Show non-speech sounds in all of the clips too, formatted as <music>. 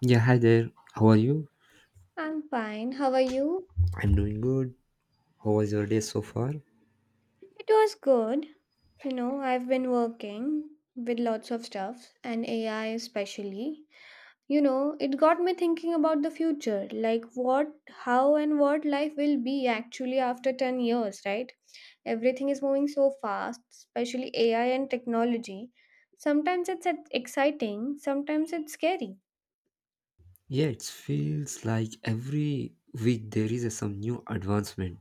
Yeah, hi there. How are you? I'm fine. How are you? I'm doing good. How was your day so far? It was good. You know, I've been working with lots of stuff and AI especially. You know, it got me thinking about the future, like what, how, and what life will be actually after 10 years, right? Everything is moving so fast, especially AI and technology. Sometimes it's exciting, sometimes it's scary. Yeah, it feels like every week there is some new advancement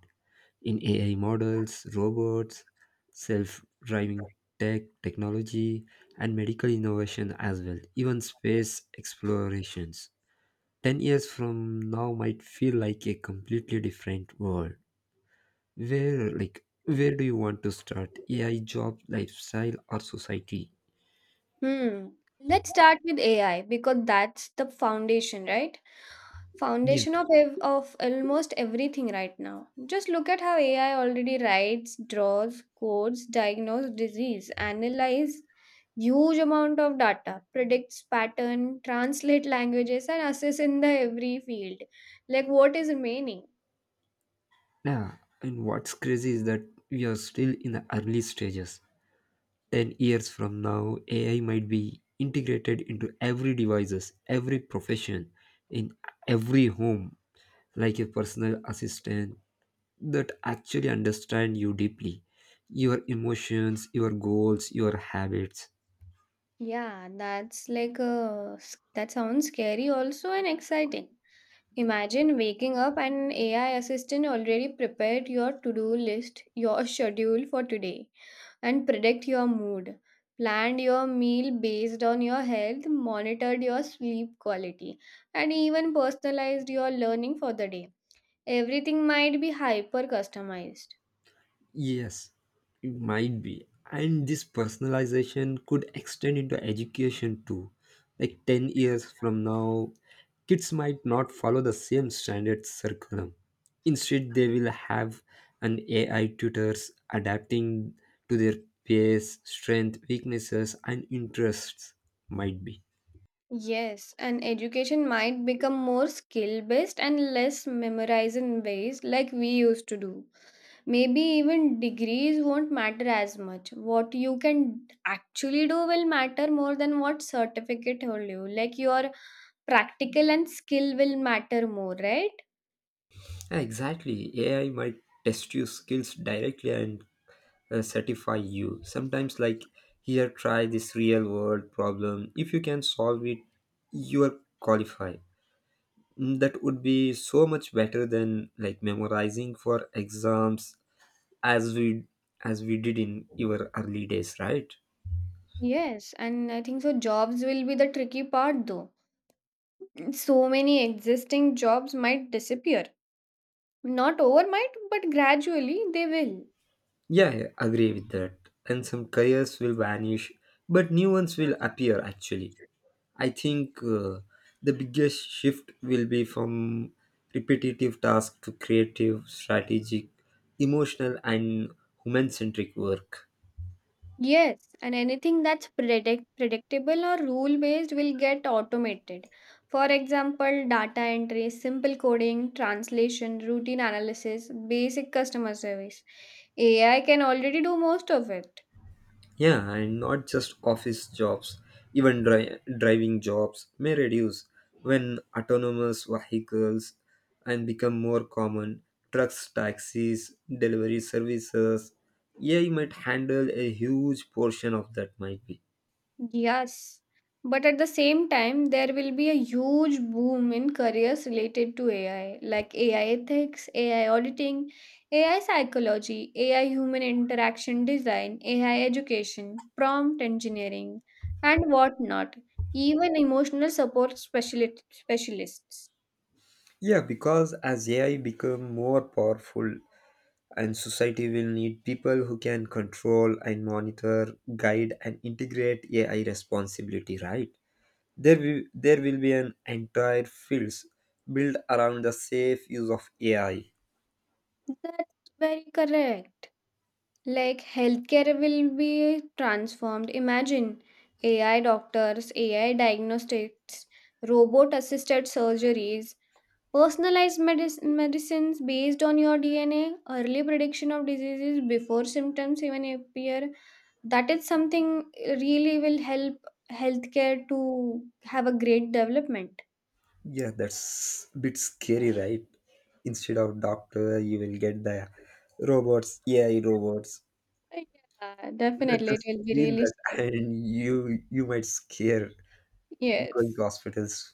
in AI models, robots, self driving technology, and medical innovation as well, even space explorations. 10 years from now might feel like a completely different world. Where, like, where do you want to start? AI, job, lifestyle, or society? Hmm. Let's start with AI because that's the foundation, right? Yeah. Foundation of almost everything right now. Just look at how AI already writes, draws, codes, diagnoses disease, analyze huge amount of data, predicts pattern, translate languages, and assess in the every field. Like what is remaining? Yeah, and what's crazy is that we are still in the early stages. 10 years from now, AI might be integrated into every devices, every profession, in every home, like a personal assistant that actually understand you deeply, your emotions, your goals, your habits. Yeah, that's like that sounds scary also and exciting. Imagine waking up and AI assistant already prepared your to-do list, your schedule for today, and predict your mood, planned your meal based on your health, monitored your sleep quality, and even personalized your learning for the day. Everything might be hyper customized. Yes, it might be. And this personalization could extend into education too. Like 10 years from now, kids might not follow the same standard curriculum. Instead, they will have an AI tutors adapting to their pace, strength, weaknesses, and interests. Might be. Yes, and education might become more skill based and less memorization based like we used to do. Maybe even degrees won't matter as much. What you can actually do will matter more than what certificate hold you, like your practical and skill will matter more, right? Exactly. AI might test your skills directly and satisfy you. Sometimes, like, here, try this real world problem. If you can solve it, you are qualified. Mm. That would be so much better than like memorizing for exams as we as we did in your early days, right? Yes, and I think so jobs will be the tricky part though. So many existing jobs might disappear, not overnight but gradually they will. Yeah, I agree with that. And some careers will vanish, but new ones will appear actually. I think the biggest shift will be from repetitive tasks to creative, strategic, emotional, and human centric work. Yes, and anything that's predictable or rule based will get automated. For example, data entry, simple coding, translation, routine analysis, basic customer service. AI can already do most of it. Yeah, and not just office jobs, even driving jobs may reduce when autonomous vehicles and become more common. Trucks, taxis, delivery services, AI might handle a huge portion of that might be. Yes, but at the same time, there will be a huge boom in careers related to AI, like AI ethics, AI auditing, AI psychology, AI human interaction design, AI education, prompt engineering, and whatnot, even emotional support specialists. Yeah, because as AI become more powerful and society will need people who can control and monitor, guide and integrate AI responsibility, right? There will be an entire fields built around the safe use of AI. That's very correct. Like healthcare will be transformed. Imagine AI doctors, AI diagnostics, robot assisted surgeries, personalized medicines based on your DNA, early prediction of diseases before symptoms even appear. That is something really will help healthcare to have a great development. Yeah, that's a bit scary, right? Instead of doctor, you will get the robots, AI robots. Yeah, That definitely. It just will be feel really that. scary. <laughs> And you might scare going to Yes. hospitals,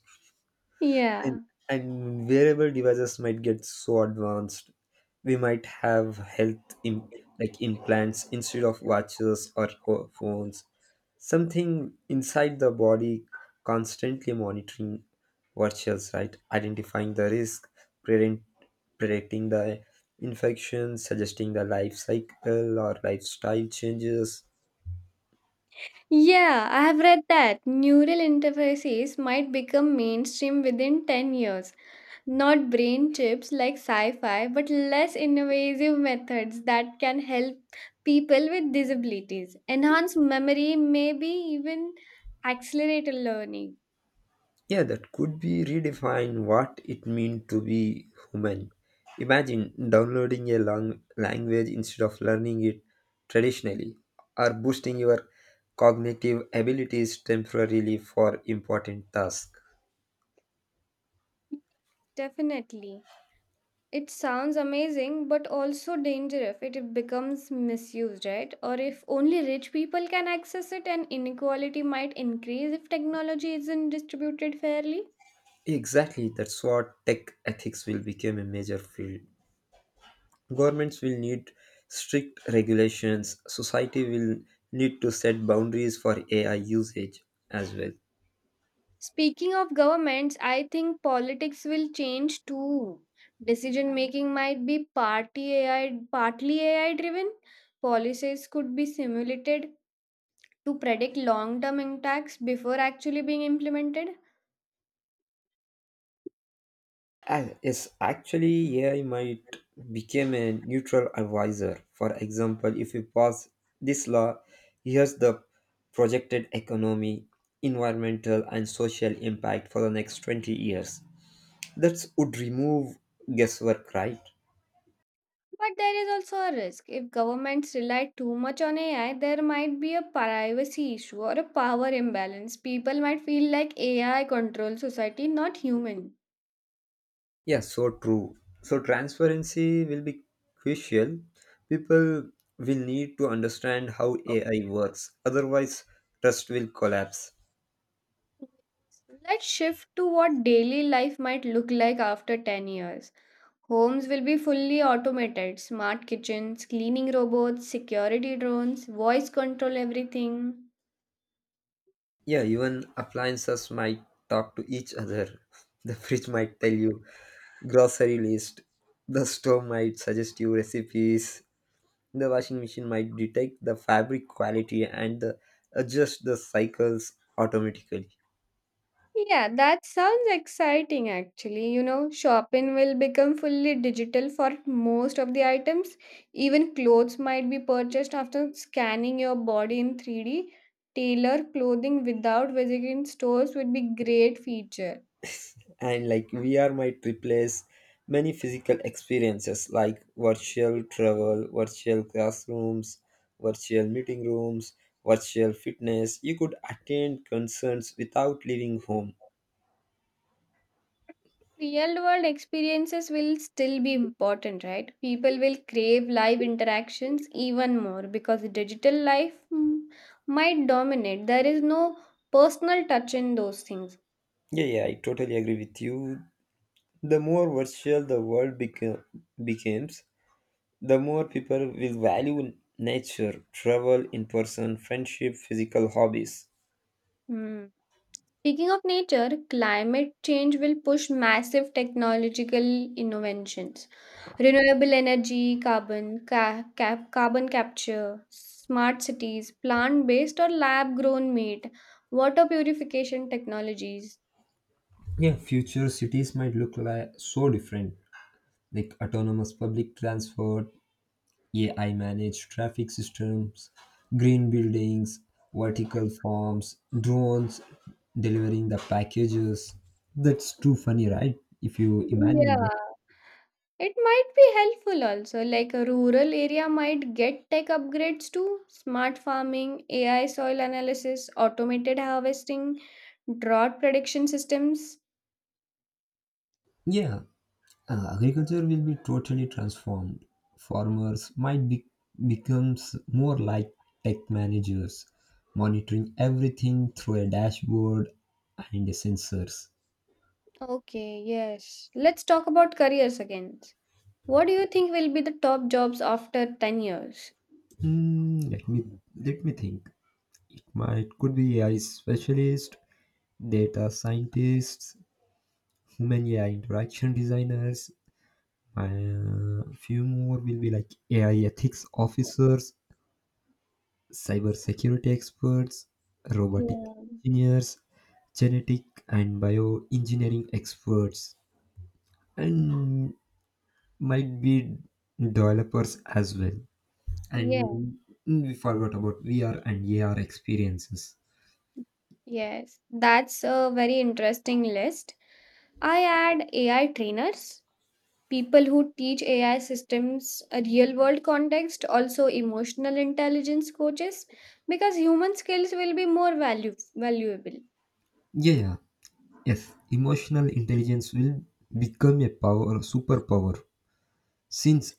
and, Yeah. and wearable devices might get so advanced we might have like implants instead of watches or phones, something inside the body constantly monitoring virtuals, right, identifying the risk, prevent, predicting the infection, suggesting the life cycle or lifestyle changes. Yeah, I have read that neural interfaces might become mainstream within 10 years. Not brain chips like sci fi, but less invasive methods that can help people with disabilities. Enhance memory, maybe even accelerate learning. Yeah, that could be redefine what it means to be human. Imagine downloading a long language instead of learning it traditionally, or boosting your cognitive abilities temporarily for important tasks. Definitely. It sounds amazing, but also dangerous if it becomes misused, right? Or if only rich people can access it, and inequality might increase if technology isn't distributed fairly. Exactly, that's what tech ethics will become a major field. Governments will need strict regulations, society will need to set boundaries for AI usage as well. Speaking of governments, I think politics will change too. Decision making might be party AI, partly AI driven. Policies could be simulated to predict long term impacts before actually being implemented. Yes, actually, AI might become a neutral advisor. For example, if you pass this law, here's the projected economy, environmental, and social impact for the next 20 years. That would remove guesswork, right? But there is also a risk. If governments rely too much on AI, there might be a privacy issue or a power imbalance. People might feel like AI controls society, not human. Yeah, so true. So transparency will be crucial. People will need to understand how AI works, otherwise, trust will collapse. Let's shift to what daily life might look like after 10 years. Homes will be fully automated smart kitchens, cleaning robots, security drones, voice control everything. Yeah, even appliances might talk to each other. <laughs> The fridge might tell you grocery list. The stove might suggest you recipes. The washing machine might detect the fabric quality and adjust the cycles automatically. Yeah, that sounds exciting actually. You know, shopping will become fully digital for most of the items. Even clothes might be purchased after scanning your body in 3D. Tailor clothing without visiting stores would be great feature. <laughs> And like VR might replace many physical experiences like virtual travel, virtual classrooms, virtual meeting rooms, virtual fitness. You could attend concerts without leaving home. Real world experiences will still be important, right? People will crave live interactions even more because digital life might dominate. There is no personal touch in those things. Yeah, yeah, I totally agree with you. The more virtual the world becomes, the more people will value nature, travel, in person, friendship, physical hobbies. Hmm. Speaking of nature, climate change will push massive technological innovations. Renewable energy, carbon, carbon capture, smart cities, plant based or lab grown meat, water purification technologies. Yeah, future cities might look like so different, like autonomous public transport, AI managed traffic systems, green buildings, vertical farms, drones delivering the packages. That's too funny, right? If you imagine Yeah, that. it might be helpful also. Like a rural area might get tech upgrades too, smart farming, AI soil analysis, automated harvesting, drought prediction systems. Yeah, agriculture will be totally transformed. Farmers might becomes more like tech managers, monitoring everything through a dashboard and sensors. Okay, yes. Let's talk about careers again. What do you think will be the top jobs after 10 years? Hmm, let me let me think. Might could be AI specialist, data scientists, human AI interaction designers. A few more will be like AI ethics officers, cybersecurity experts, robotic Yeah. engineers, genetic and bioengineering experts, and might be developers as well. Yeah. And we forgot about VR and AR experiences. Yes. That's a very interesting list. I add AI trainers, people who teach AI systems a real world context, also emotional intelligence coaches, because human skills will be more value valuable. Yeah, yeah. Yes, emotional intelligence will become a power superpower. Since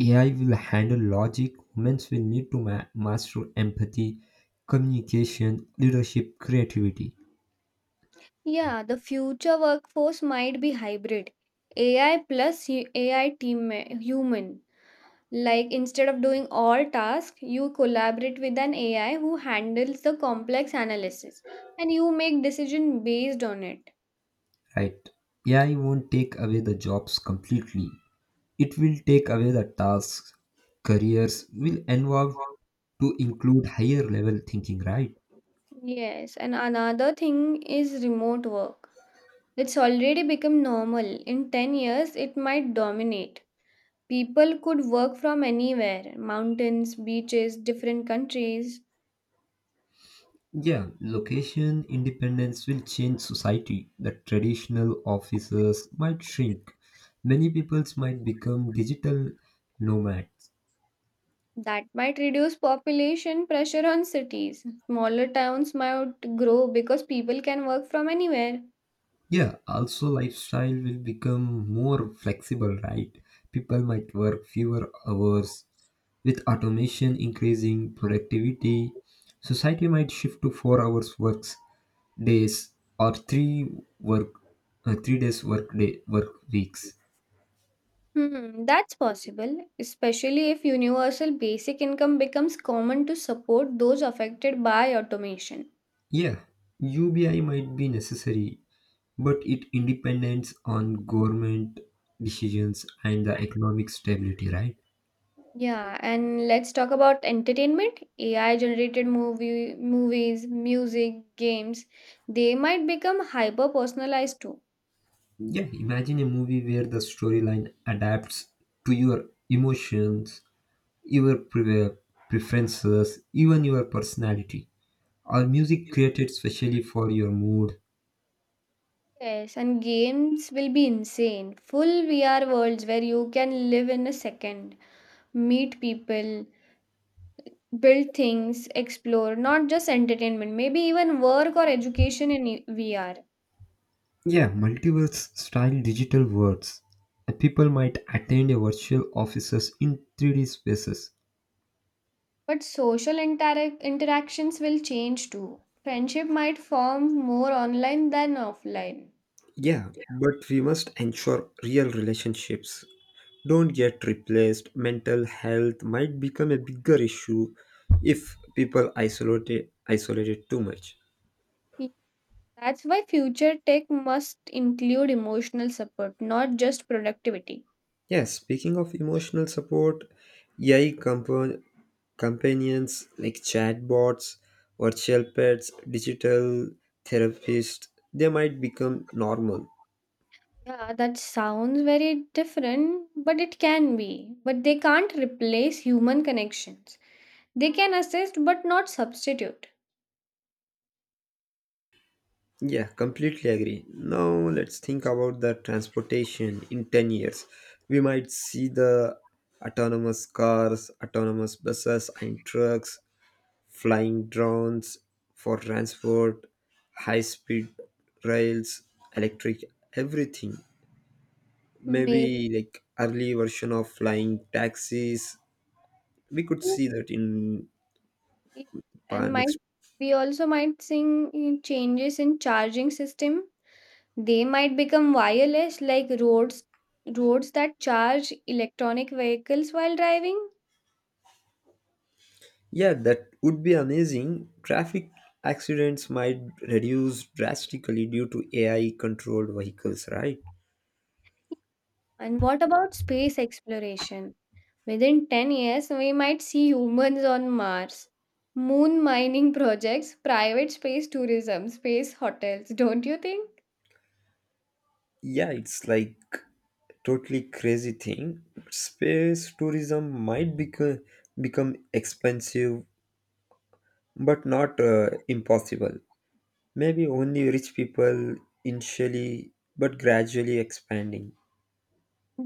AI will handle logic, humans will need to master empathy, communication, leadership, creativity. Yeah, the future workforce might be hybrid. AI plus AI human. Like instead of doing all tasks, you collaborate with an AI who handles the complex analysis and you make decision based on it. Right. AI won't take away the jobs completely. It will take away the tasks, careers will evolve to include higher level thinking, right? Yes, and another thing is remote work. It's already become normal. In 10 years, it might dominate. People could work from anywhere, mountains, beaches, different countries. Yeah, location independence will change society. The traditional offices might shrink. Many peoples might become digital nomads. That might reduce population pressure on cities. Smaller towns might grow because people can work from anywhere. Yeah, also lifestyle will become more flexible, right? People might work fewer hours. With automation increasing productivity, society might shift to 4 hours works days or 3 work 3 days work day work weeks. Hmm, that's possible, especially if universal basic income becomes common to support those affected by automation. Yeah, UBI might be necessary, but it independs on government decisions and the economic stability, right? Yeah, and let's talk about entertainment. AI generated movies, music, games, they might become hyper personalized too. Yeah, imagine a movie where the storyline adapts to your emotions, your preferences, even your personality, or music created specially for your mood. Yes, and games will be insane. Full VR worlds where you can live in a second, meet people, build things, explore, not just entertainment, maybe even work or education in VR. Yeah, multiverse style digital worlds. People might attend a virtual offices in 3D spaces. But social interactions will change too. Friendship might form more online than offline. Yeah, but we must ensure real relationships don't get replaced. Mental health might become a bigger issue if people isolate it too much. Y- That's why future tech must include emotional support, not just productivity. Yes, speaking of emotional support, AI companions like chatbots, virtual pets, digital therapists, they might become normal. Yeah, that sounds very different, but it can be. But they can't replace human connections. They can assist, but not substitute. Yeah, completely agree. Now let's think about the transportation in 10 years. We might see the autonomous cars, autonomous buses and trucks, flying drones for transport, high speed rails, electric everything. Maybe, Maybe like early version of flying taxis. We could see that in and might next. we also might seeing changes in charging system. They might become wireless like roads that charge electronic vehicles while driving. Yeah, that would be amazing. Traffic accidents might reduce drastically due to AI controlled vehicles, right? And what about space exploration? Within 10 years, we might see humans on Mars. Moon mining projects, private space tourism, space hotels, don't you think? Yeah, it's like totally crazy thing. Space tourism might become expensive but not impossible. Maybe only rich people initially but gradually expanding.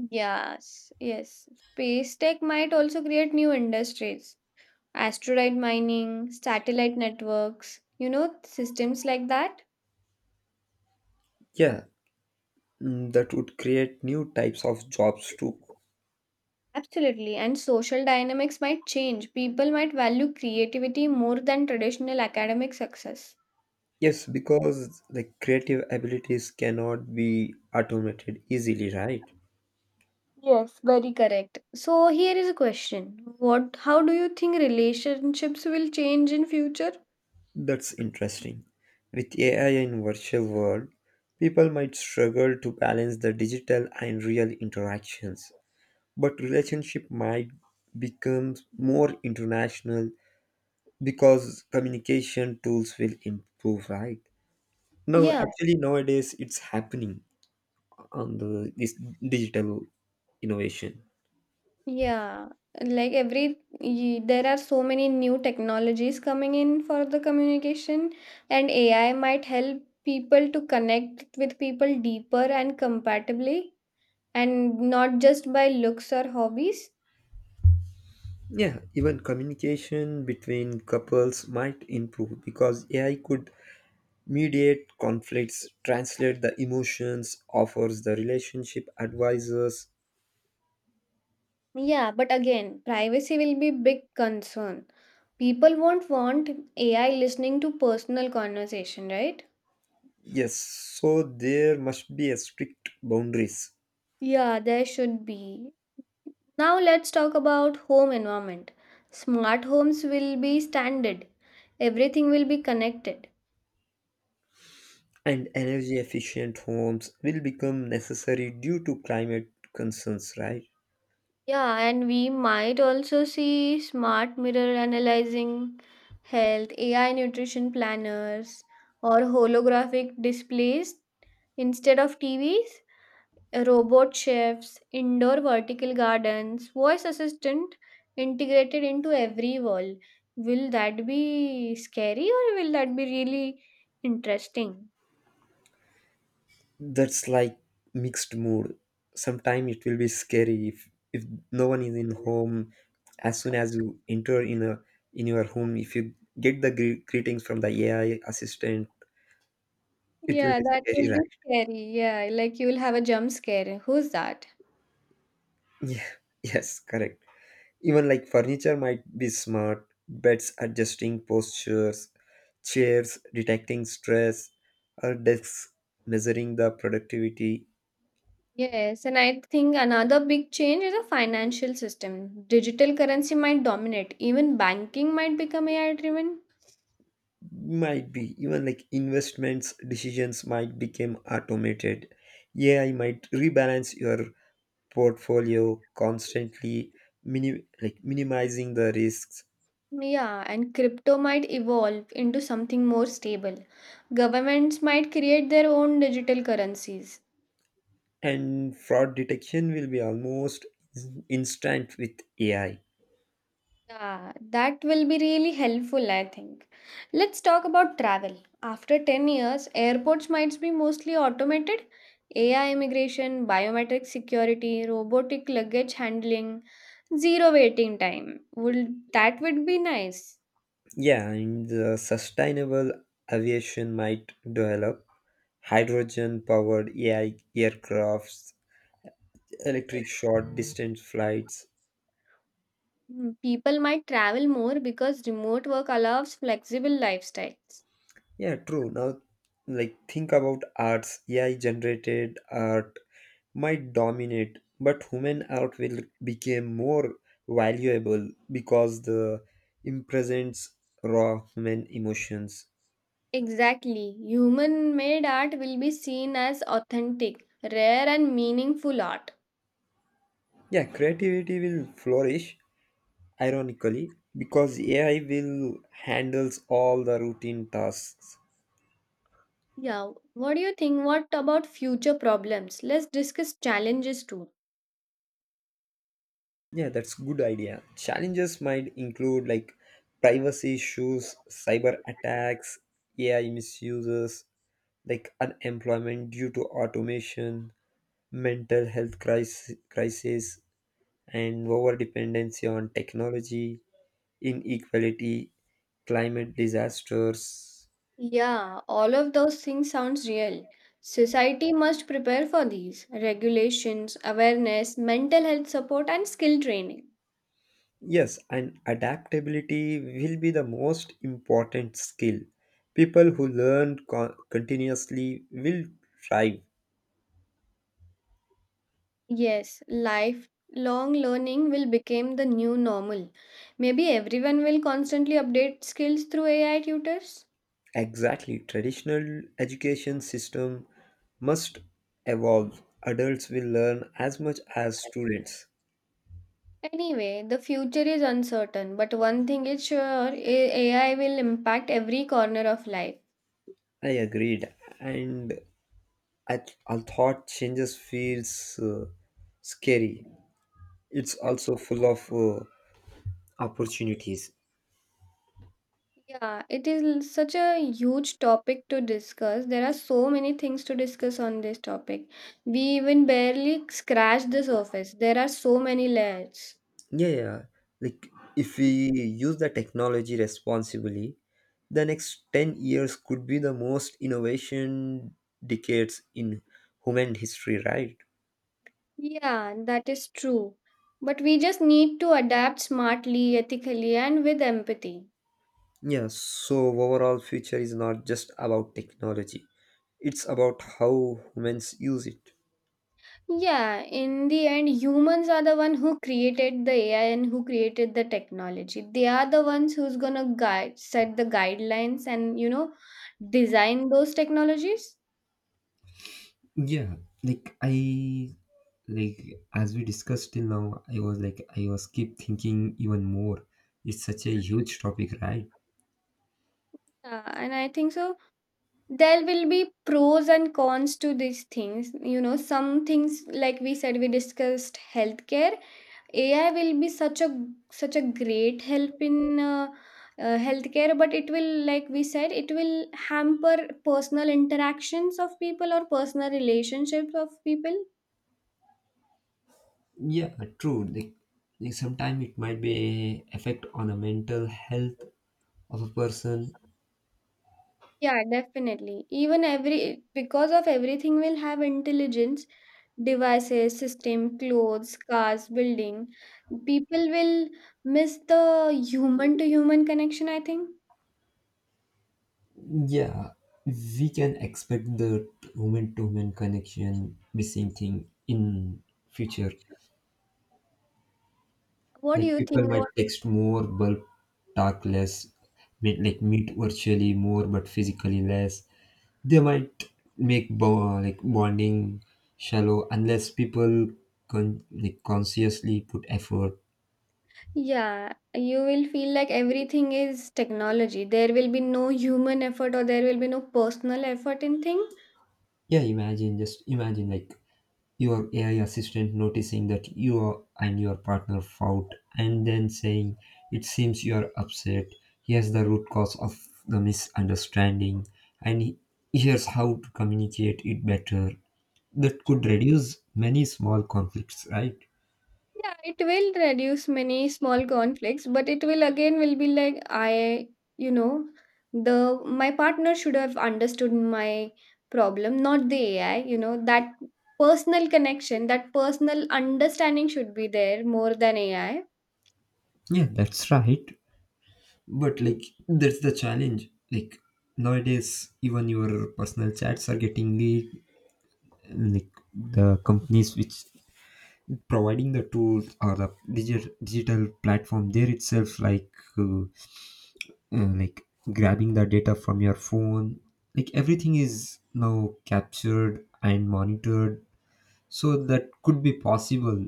Yes, yes. Space tech might also create new industries. Asteroid mining, satellite networks, you know, systems like that. Yeah, that would create new types of jobs too. Absolutely, and social dynamics might change. People might value creativity more than traditional academic success. Yes, because like creative abilities cannot be automated easily, right? Very correct. So here is a question. What How do you think relationships will change in future? That's interesting. With AI in virtual world, people might struggle to balance the digital and real interactions, but relationship might become more international because communication tools will improve, right? No, Yeah, actually nowadays it's happening on the this digital innovation. yeah. Like every there are so many new technologies coming in for the communication, and AI might help people to connect with people deeper and compatibly and not just by looks or hobbies. Yeah, even communication between couples might improve because AI could mediate conflicts, translate the emotions, offers the relationship advisors. Yeah, but again, privacy will be big concern. People won't want AI listening to personal conversation, right? Yes, so there must be a strict boundaries, Yeah, there should be. Now let's talk about home environment. Smart homes will be standard. Everything will be connected. and energy efficient homes will become necessary due to climate concerns, right? Yeah, and we might also see smart mirror analyzing health, AI nutrition planners, or holographic displays instead of TVs. Robot chefs, indoor vertical gardens, voice assistant integrated into every wall. Will that be scary or will that be really interesting? That's like mixed mood. Sometimes it will be scary if no one is in home. As soon as you enter in your home, if you get the greetings from the AI assistant, it will Yeah, be that will scary, be right? scary. Yeah, like you will have a jump scare. Who's that? <laughs> Yeah, yes, correct. Even like furniture might be smart, beds adjusting postures, chairs detecting stress, or desks measuring the productivity. Yes, and I think another big change is the financial system. Digital currency might dominate. Even banking might become AI driven. Might be even like investments decisions might become automated. AI might rebalance your portfolio constantly, mini like minimizing the risks. Yeah, and crypto might evolve into something more stable. Governments might create their own digital currencies. And fraud detection will be almost instant with AI. Yeah, that will be really helpful, I think. Let's talk about travel. After 10 years, airports might be mostly automated. AI immigration, biometric security, robotic luggage handling, zero waiting time. Would that would be nice. Yeah, and the sustainable aviation might develop hydrogen powered AI aircrafts, electric short distance flights. Mm, people might travel more because remote work allows flexible lifestyles. Yeah, true. Now, like, think about arts. AI generated art might dominate, but human art will become more valuable because the it presents raw human emotions. Exactly. Human made art will be seen as authentic, rare and meaningful art. Yeah, creativity will flourish, ironically, because AI will handles all the routine tasks. Yeah, what do you think what about future problems? Let's discuss challenges too. Yeah, that's good idea. Challenges might include like privacy issues, cyber attacks, AI misuses, like unemployment due to automation, mental health crisis, and over dependency on technology, inequality, climate disasters. Yeah, all of those things sounds real. Society must prepare for these regulations, awareness, mental health support and skill training. Yes, and adaptability will be the most important skill. People who learn continuously will thrive. Yes, lifelong learning will become the new normal. Maybe everyone will constantly update skills through AI tutors. Exactly. Traditional education system must evolve. Adults will learn as much as students. Anyway, the future is uncertain, but one thing is sure. AI will impact every corner of life. I agreed. And I thought changes feels scary. It's also full of opportunities. Yeah, it is such a huge topic to discuss. There are so many things to discuss on this topic. We even barely scratched the surface. There are so many layers. Yeah, yeah. Like if we use the technology responsibly, the next 10 years could be the most innovation decades in human history, right? Yeah, that is true. But we just need to adapt smartly, ethically, and with empathy. Yes, so overall future is not just about technology. It's about how humans use it. Yeah, in the end, humans are the one who created the AI and who created the technology. They are the ones who's gonna guide, set the guidelines, and you know, design those technologies. Yeah, like I, like, as we discussed till now, I was keep thinking even more. It's such a huge topic, right? And I think so. There will be pros and cons to these things. You know, some things like we said, we discussed healthcare AI will be such a great help in healthcare, but it will, like we said, it will hamper personal interactions of people or personal relationships of people. Yeah, true. Like, sometimes it might be a effect on the mental health of a person. Yeah, definitely. Even every because of everything will have intelligence, devices, system, clothes, cars, building. People will miss the human to human connection, I think. Yeah, we can expect the human to human connection missing thing in future. What do Like you think? people might text more but talk less, meet virtually more but physically less. They might make like bonding shallow unless people like consciously put effort. Yeah, you will feel like everything is technology. There will be no human effort or there will be no personal effort in thing. Yeah, imagine just imagine like your AI assistant noticing that and your partner fought, and then saying, "It seems you are upset. Here's the root cause of the misunderstanding, and here's how to communicate it better." That could reduce many small conflicts, right? Yeah, it will reduce many small conflicts, but it will again will be like you know, the my partner should have understood my problem, not the AI, you know, that personal connection, that personal understanding should be there more than AI. Yeah, that's right. But like that's the challenge. Like nowadays, even your personal chats are getting leaked. Like the companies which providing the tools or the digital platform there itself, uh, like grabbing the data from your phone, like everything is now captured and monitored, so that could be possible.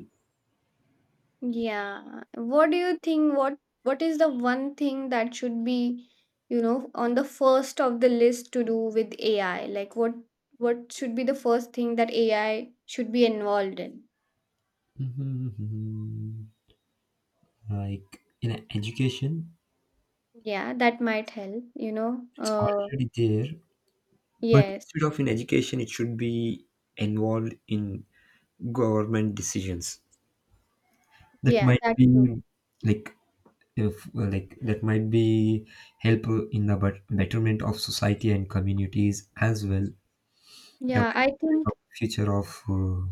Yeah. What do you think? What is the one thing that should be, you know, on the first of the list to do with AI? Like, what should be the first thing that AI should be involved in? <laughs> Mhm. Like in education, Yeah, that might help. You know. it's already there. But Yes. instead of in education it should be involved in government decisions, that Yeah. might That too. be. Like if like that might be help in the betterment of society and communities as well. The Yeah. Betterment of future of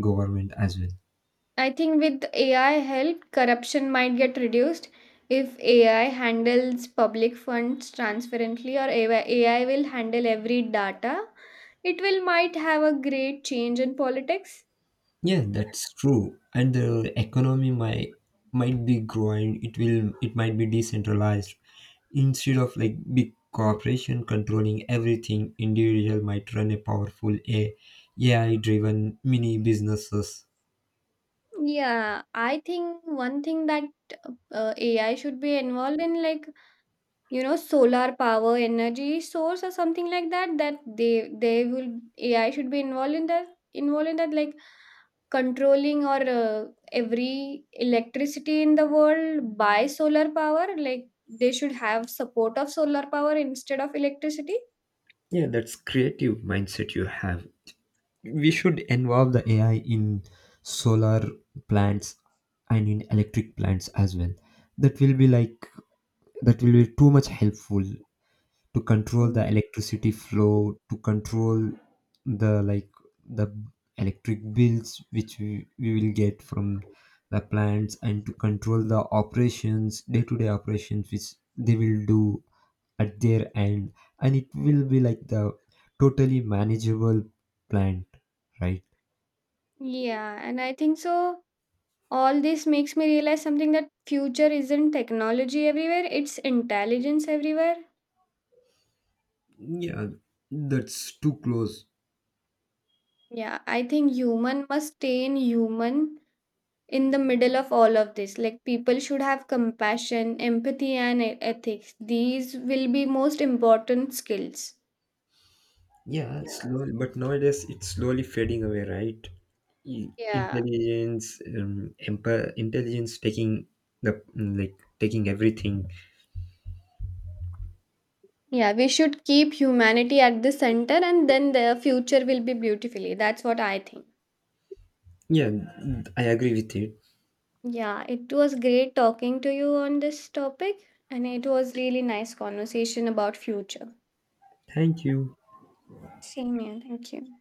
government as well. I think with AI help, corruption might get reduced if AI handles public funds transparently, or AI will handle every data. It will might have a great change in politics. Yeah, that's true. And the economy might be growing. It might be decentralized. Instead of like big corporation controlling everything, individual might run a powerful a ai driven mini businesses. Yeah, I think one thing that AI should be involved in, like you know, solar power energy source or something like that. That they will AI should be involved in that like controlling or every electricity in the world by solar power, like they should have support of solar power instead of electricity. Yeah, that's creative mindset you have. We should involve the AI in solar plants and in electric plants as well. That will be like that will be too much helpful to control Mm. the electricity flow, to control the like the electric bills which we will get from the plants, and to control the operations, day to day operations which they will do at their end, and it will be like the totally manageable plant, right? Yeah, and I think so all this makes me realize something, that future isn't technology everywhere, it's intelligence everywhere. Yeah, that's too close. Yeah, I think human must stay in human in the middle of all of this. Like people should have compassion, empathy and ethics. These will be most important skills. Yeah, slowly, but nowadays it's slowly fading away, right? Yeah. Intelligence, taking the like taking everything. Yeah, we should keep humanity at the center and then the future will be beautifully. That's what I think. Yeah, I agree with you. Yeah, it was great talking to you on this topic and it was really nice conversation about future. Thank you. Same here. Thank you.